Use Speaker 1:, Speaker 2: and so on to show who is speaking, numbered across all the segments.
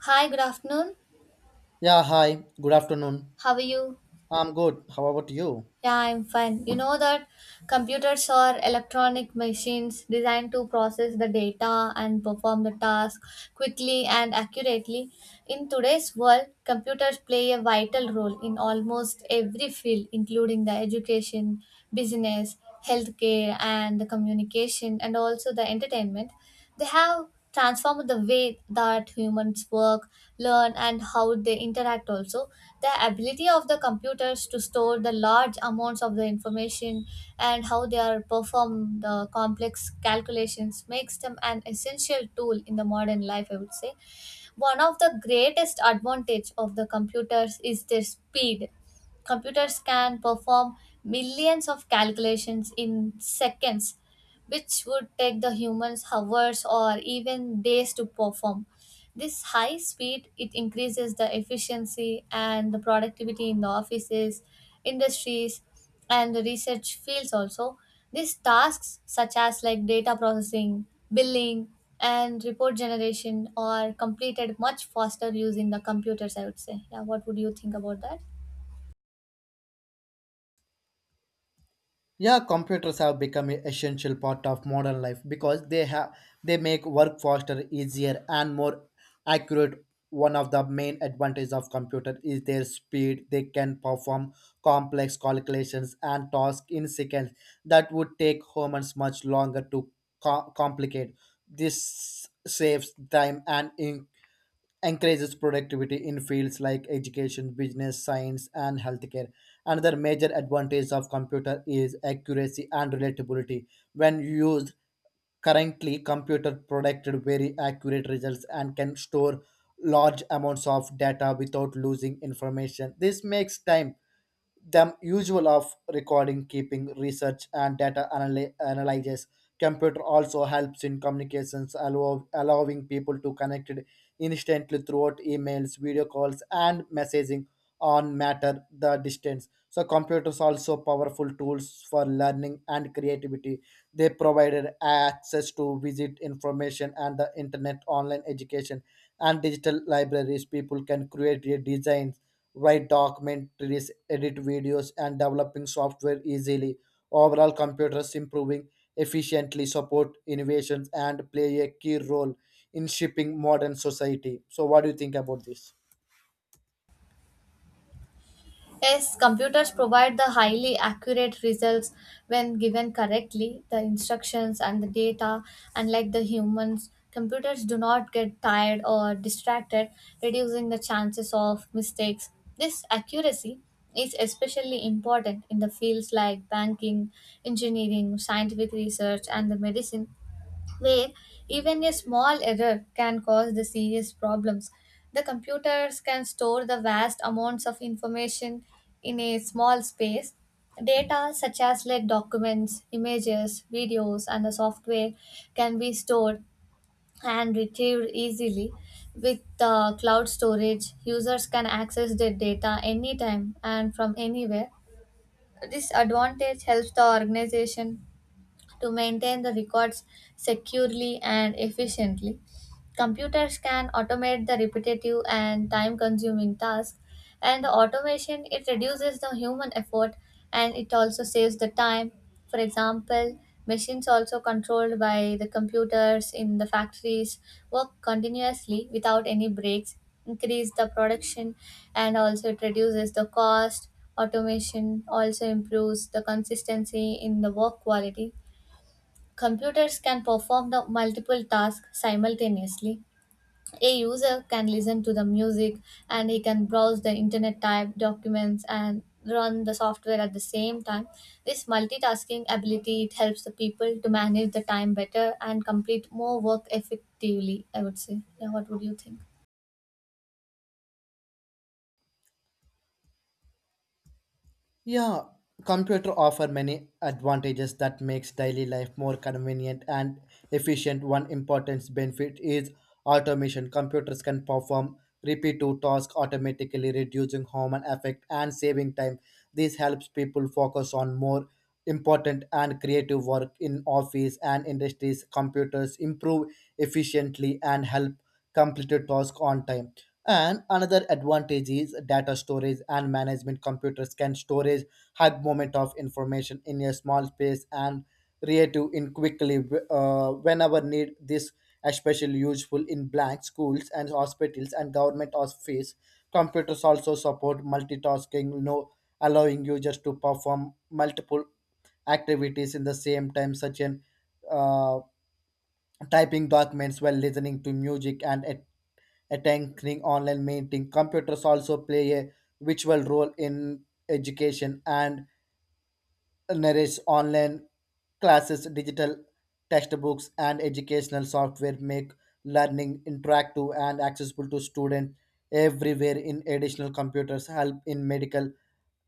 Speaker 1: Hi, good afternoon.
Speaker 2: Yeah, hi. Good afternoon.
Speaker 1: How are you?
Speaker 2: I'm good. How about you?
Speaker 1: Yeah, I'm fine. You know that computers are electronic machines designed to process the data and perform the task quickly and accurately. In today's world, computers play a vital role in almost every field, including the education, business, healthcare, and the communication, and also the entertainment. They have transformed the way that humans work, learn, and how they interact also. The ability of the computers to store the large amounts of the information and how they are perform the complex calculations makes them an essential tool in the modern life, I would say. One of the greatest advantage of the computers is their speed. Computers can perform millions of calculations in seconds, which would take the humans hours or even days to perform. This high speed it increases the efficiency and the productivity in the offices, industries, and the research fields also. These tasks such as like data processing, billing, and report generation are completed much faster using the computers, I would say. Yeah, what would you think about that?
Speaker 2: Yeah, computers have become an essential part of modern life because they make work faster, easier, and more accurate. One of the main advantages of computer is their speed. They can perform complex calculations and tasks in seconds that would take humans much longer to complicate. This saves time and in encourages productivity in fields like education, business, science, and healthcare. Another major advantage of computer is accuracy and relatability. When used currently, computer produced very accurate results and can store large amounts of data without losing information. This makes time them usual of recording keeping research and data analysis. Computer also helps in communications, allowing people to connect instantly throughout emails, video calls, and messaging on matter the distance. So computers also powerful tools for learning and creativity. They provided access to visit information and the internet, online education, and digital libraries. People can create a design, write documentaries, edit videos, and developing software easily. Overall, computers improving efficiently support innovations and play a key role in shaping modern society. So, what do you think about this?
Speaker 1: Yes, computers provide the highly accurate results when given correctly, the instructions and the data. Unlike the humans, computers do not get tired or distracted, reducing the chances of mistakes. This accuracy is especially important in the fields like banking, engineering, scientific research, and the medicine where even a small error can cause the serious problems. The computers can store the vast amounts of information in a small space. Data such as like documents, images, videos, and the software can be stored and retrieved easily. With cloud storage, users can access their data anytime and from anywhere. This advantage helps the organization to maintain the records securely and efficiently. Computers can automate the repetitive and time consuming tasks, and the automation it reduces the human effort and it also saves the time. For example, machines also controlled by the computers in the factories work continuously without any breaks, increase the production and also it reduces the cost. Automation also improves the consistency in the work quality. Computers can perform the multiple tasks simultaneously. A user can listen to the music and he can browse the internet, type documents, and run the software at the same time. This multitasking ability it helps the people to manage the time better and complete more work effectively, I would say. Yeah, what would you think?
Speaker 2: Yeah, computer offer many advantages that makes daily life more convenient and efficient. One important benefit is automation. Computers can perform repetitive tasks automatically, reducing human effect and saving time. This helps people focus on more important and creative work in office and industries. Computers improve efficiently and help complete tasks on time. And another advantage is data storage and management. Computers can storage high moment of information in a small space and retrieve in quickly, whenever need. This especially useful in blank schools and hospitals and government office. Computers also support multitasking, no, allowing users to perform multiple activities in the same time, such as uh, typing documents while listening to music and attending online meeting. Computers also play a virtual role in education and narrates online classes, digital textbooks, and educational software make learning interactive and accessible to students everywhere. In additional, computers help in medical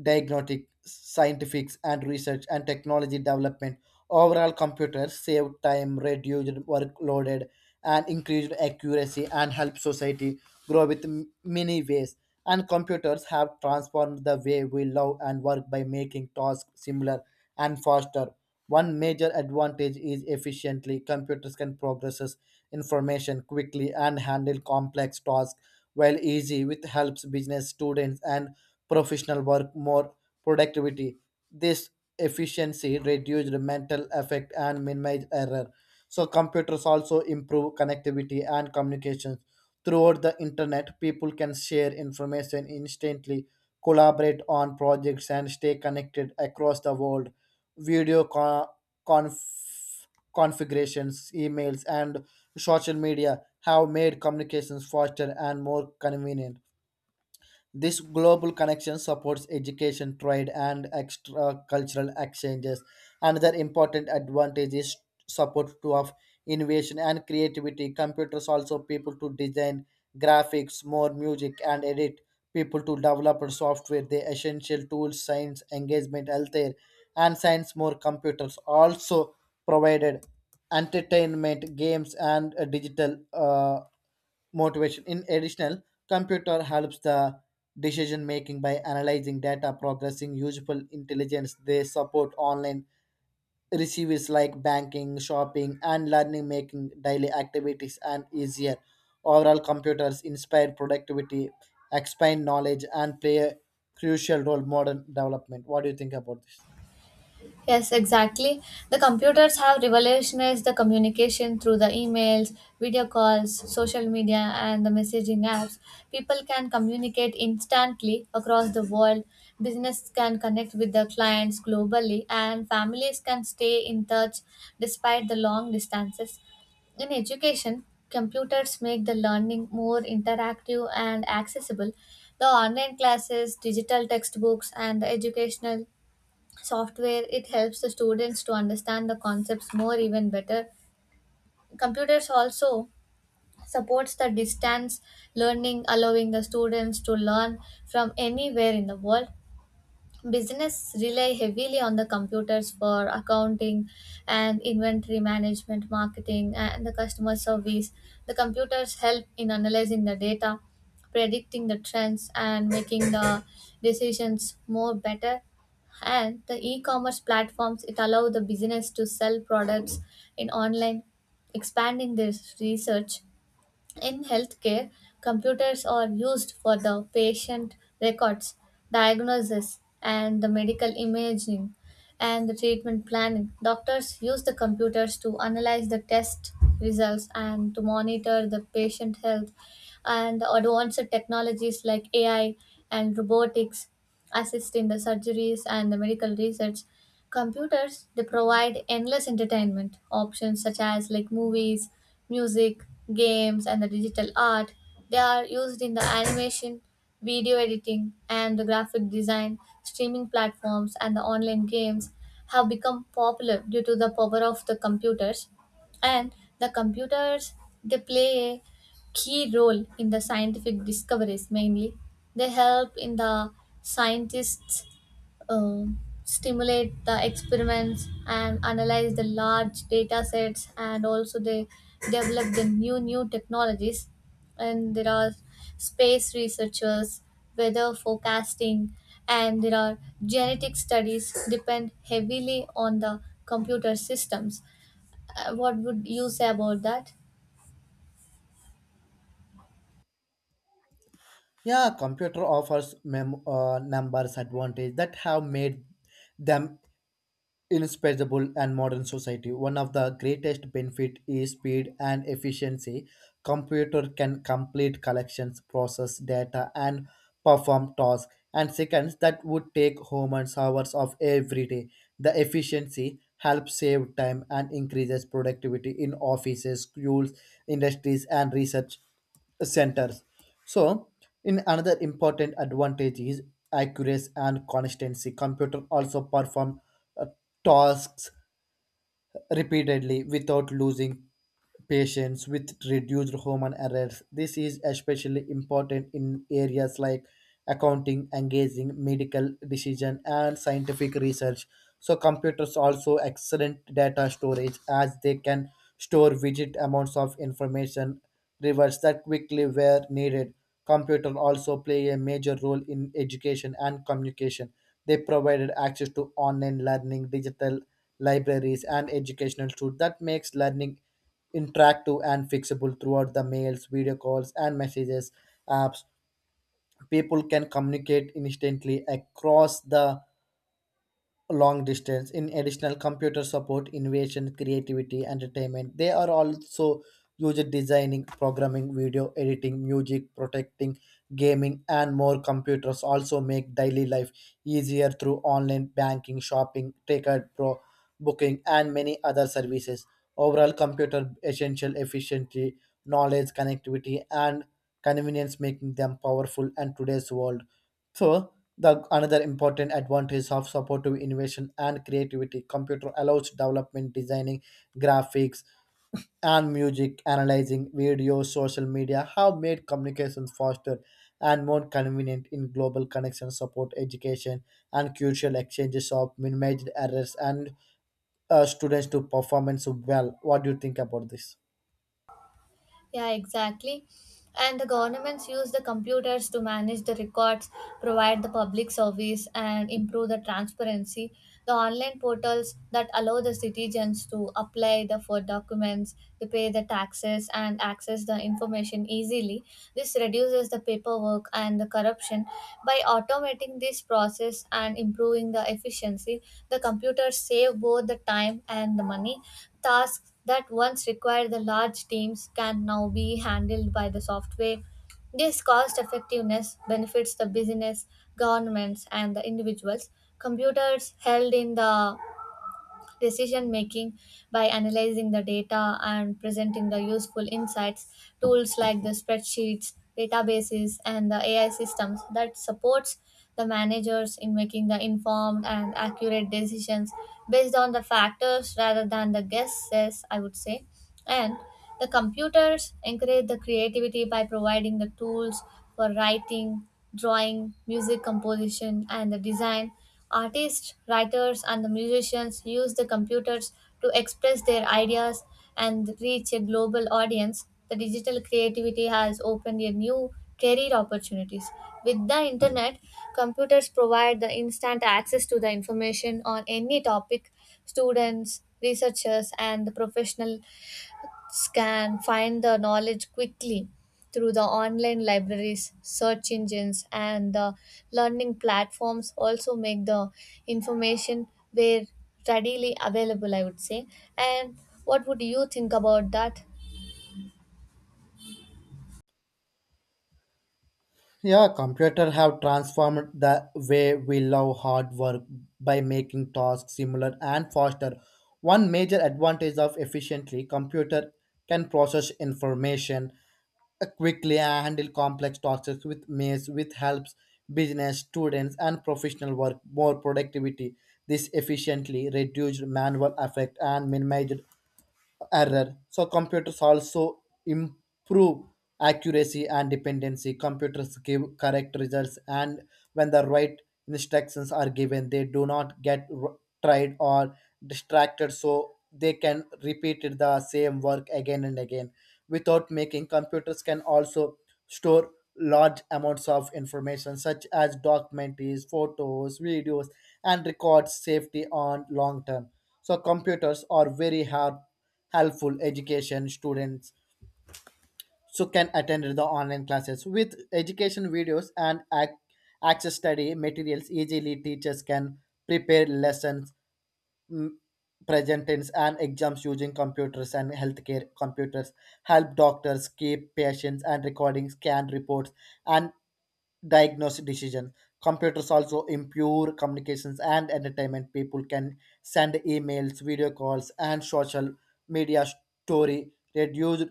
Speaker 2: diagnostic, scientific and research and technology development. Overall, computers save time, reduced workloaded, and increased accuracy and help society grow with many ways. And computers have transformed the way we love and work by making tasks simpler and faster. One major advantage is efficiently. Computers can process information quickly and handle complex tasks while easy with helps business students and professional work more productivity. This efficiency reduced mental effect and minimized error. So computers also improve connectivity and communications. Throughout the internet, people can share information instantly, collaborate on projects, and stay connected across the world. Video con- conf- Configurations, emails, and social media have made communications faster and more convenient. This global connection supports education, trade, and extra cultural exchanges. Another important advantage is support to of innovation and creativity. Computers also people to design graphics, more music, and edit. People to develop software, the essential tools, science, engagement, healthcare, and science. More computers also provided entertainment, games, and digital motivation. In additional, computer helps the decision making by analyzing data, progressing useful intelligence. They support online receives like banking, shopping, and learning, making daily activities and easier. Overall, computers inspire productivity, expand knowledge, and play a crucial role in modern development. What do you think about this?
Speaker 1: Yes, exactly. The computers have revolutionized the communication through the emails, video calls, social media, and the messaging apps. People can communicate instantly across the world. Business can connect with their clients globally, and families can stay in touch despite the long distances. In education, computers make the learning more interactive and accessible. The online classes, digital textbooks, and the educational software it helps the students to understand the concepts more even better. Computers also supports the distance learning, allowing the students to learn from anywhere in the world. Business rely heavily on the computers for accounting and inventory management, marketing, and the customer service. The computers help in analyzing the data, predicting the trends, and making the decisions more better. And the e-commerce platforms it allow the business to sell products in online, expanding their research. In healthcare, computers are used for the patient records, diagnosis, and the medical imaging and the treatment planning. Doctors use the computers to analyze the test results and to monitor the patient health, and advanced technologies like AI and robotics assist in the surgeries and the medical research. Computers, they provide endless entertainment options such as like movies, music, games, and the digital art. They are used in the animation, video editing, and the graphic design. Streaming platforms and the online games have become popular due to the power of the computers. And the computers, they play a key role in the scientific discoveries mainly. They help in the scientists stimulate the experiments and analyze the large data sets, and also they develop the new technologies, and there are space researchers, weather forecasting, and there are genetic studies depend heavily on the computer systems. What would you say about that?
Speaker 2: Yeah, computer offers numbers advantage that have made them indispensable and modern society. One of the greatest benefit is speed and efficiency. Computer can complete collections, process data, and perform tasks and seconds that would take humans hours of every day. The efficiency helps save time and increases productivity in offices, schools, industries, and research centers. So, in another important advantage is accuracy and consistency. Computer also perform tasks repeatedly without losing patience with reduced human errors. This is especially important in areas like accounting, engaging, medical decision, and scientific research. So computers also excellent data storage, as they can store widget amounts of information rewards that quickly where needed. Computers also play a major role in education and communication. They provided access to online learning, digital libraries, and educational tools that makes learning interactive and fixable throughout the mails, video calls, and messages apps. People can communicate instantly across the long distance. In additional, computer support innovation, creativity, entertainment. They are also used designing, programming, video editing, music protecting, gaming, and more. Computers also make daily life easier through online banking, shopping, ticket pro booking, and many other services. Overall, computer essential efficiency, knowledge, connectivity, and convenience, making them powerful in today's world. So the another important advantage of supportive innovation and creativity. Computer allows development, designing, graphics, and music, analyzing video, social media have made communications faster and more convenient in global connection support education and cultural exchanges of minimized errors and students to performance well. What do you think about this?
Speaker 1: Yeah, exactly. And the governments use the computers to manage the records, provide the public service, and improve the transparency. The online portals that allow the citizens to apply the for documents, to pay the taxes, and access the information easily. This reduces the paperwork and the corruption. By automating this process and improving the efficiency, the computers save both the time and the money. Tasks that once required the large teams can now be handled by the software. This cost effectiveness benefits the business, governments, and the individuals. Computers held in the decision making by analyzing the data and presenting the useful insights. Tools like the spreadsheets, databases, and the AI systems that supports the managers in making the informed and accurate decisions based on the factors rather than the guesses, I would say. And the computers encourage the creativity by providing the tools for writing, drawing, music composition, and the design. Artists, writers, and the musicians use the computers to express their ideas and reach a global audience. The digital creativity has opened a new career opportunities. With the internet, computers provide the instant access to the information on any topic. Students, researchers, and the professional can find the knowledge quickly through the online libraries, search engines, and the learning platforms also make the information very readily available, I would say. And what would you think about that?
Speaker 2: Yeah, computer have transformed the way we love hard work by making tasks similar and faster. One major advantage of efficiently computer can process information quickly and handle complex tasks with maze, with helps business students and professional work more productivity. This efficiently reduced manual effect and minimized error. So computers also improve accuracy and dependency. Computers give correct results, and when the right instructions are given, they do not get tried or distracted, so they can repeat the same work again and again. Without making, computers can also store large amounts of information such as documents, photos, videos, and records safety on long term. So computers are very hard helpful education students, so can attend the online classes with education videos and access study materials easily. Teachers can prepare lessons, mm, presentations, and exams using computers. And healthcare, computers help doctors keep patients and recordings, scan reports, and diagnose decision. Computers also improve communications and entertainment. People can send emails, video calls, and social media story. Reduced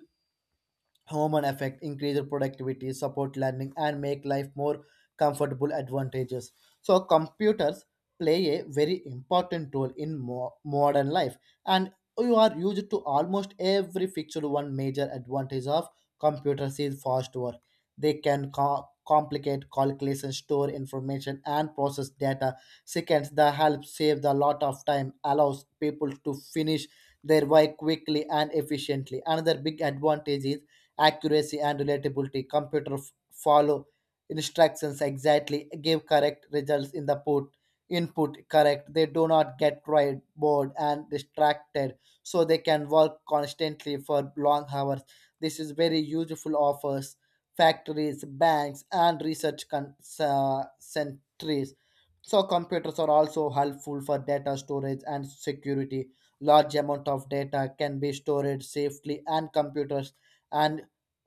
Speaker 2: human effect, increase the productivity, support learning, and make life more comfortable advantages. So computers play a very important role in modern life, and you are used to almost every fixed. One major advantage of computers is fast work. They can complicate calculations, store information, and process data. Seconds, the help save the lot of time, allows people to finish their work quickly and efficiently. Another big advantage is accuracy and relatability. Computer follow instructions exactly, give correct results in the put input correct. They do not get right bored and distracted, so they can work constantly for long hours. This is very useful offers factories, banks, and research centers. So computers are also helpful for data storage and security. Large amount of data can be stored safely and computers and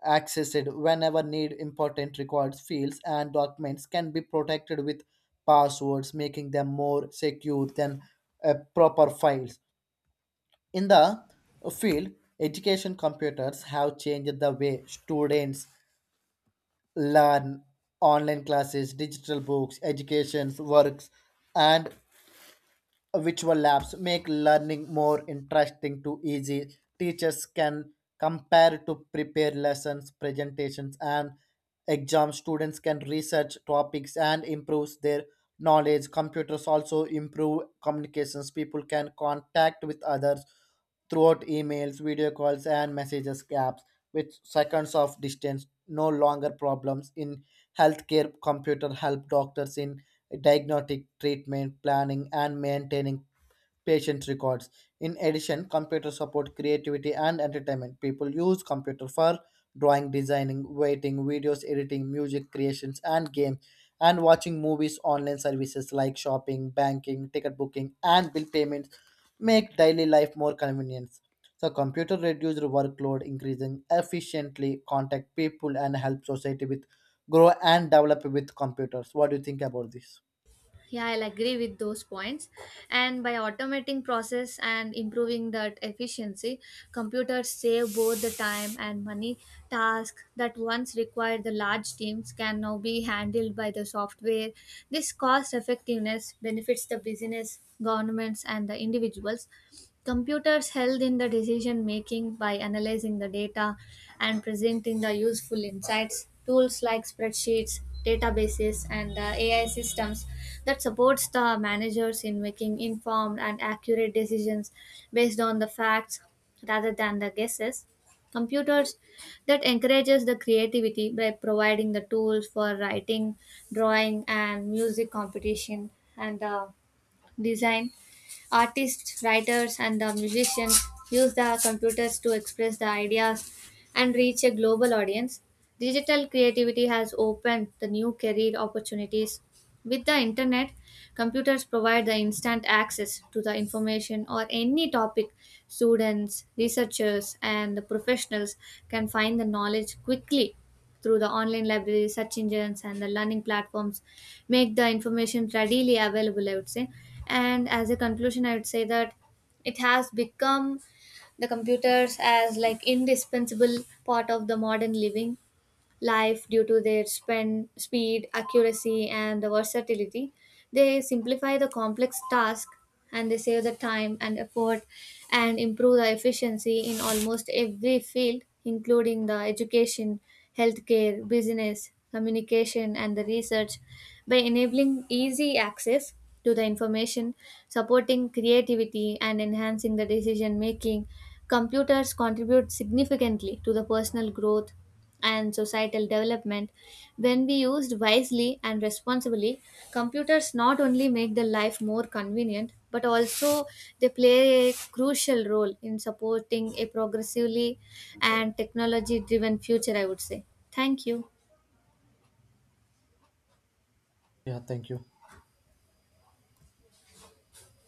Speaker 2: accessed whenever need. Important records fields and documents can be protected with passwords, making them more secure than proper files in the field. Education, computers have changed the way students learn. Online classes, digital books, educations, works, and virtual labs make learning more interesting to easy. Teachers can compare to prepare lessons, presentations, and exams. Students can research topics and improve their knowledge. Computers also improve communications. People can contact with others throughout emails, video calls, and messages gaps with seconds of distance, no longer problems. In healthcare, computer help doctors in diagnostic, treatment planning, and maintaining patient records. In addition, computer support creativity and entertainment. People use computer for drawing, designing, writing, videos, editing, music creations, and game, and watching movies. Online services like shopping, banking, ticket booking, and bill payments make daily life more convenient. So, computer reduces workload, increasing efficiently contact people and help society with grow and develop with computers. What do you think about this?
Speaker 1: Yeah, I'll agree with those points. And by automating process and improving that efficiency, computers save both the time and money. Tasks that once required the large teams can now be handled by the software. This cost effectiveness benefits the business, governments, and the individuals. Computers held in the decision making by analyzing the data and presenting the useful insights. Tools like spreadsheets, databases, and AI systems that supports the managers in making informed and accurate decisions based on the facts rather than the guesses. Computers that encourages the creativity by providing the tools for writing, drawing, and music competition, and design. Artists, writers, and the musicians use the computers to express their ideas and reach a global audience. Digital creativity has opened the new career opportunities. With the internet, computers provide the instant access to the information or any topic. Students, researchers, and the professionals can find the knowledge quickly through the online libraries, search engines, and the learning platforms make the information readily available, I would say. And as a conclusion, I would say that it has become the computers as like indispensable part of the modern living life due to their spend, speed, accuracy, and the versatility. They simplify the complex task, and they save the time and effort and improve the efficiency in almost every field, including the education, healthcare, business, communication, and the research, by enabling easy access to the information, supporting creativity, and enhancing the decision making. Computers contribute significantly to the personal growth and societal development. When we used wisely and responsibly, computers not only make the life more convenient but also they play a crucial role in supporting a progressively and technology driven future, I would say. Thank you.
Speaker 2: Yeah, thank you.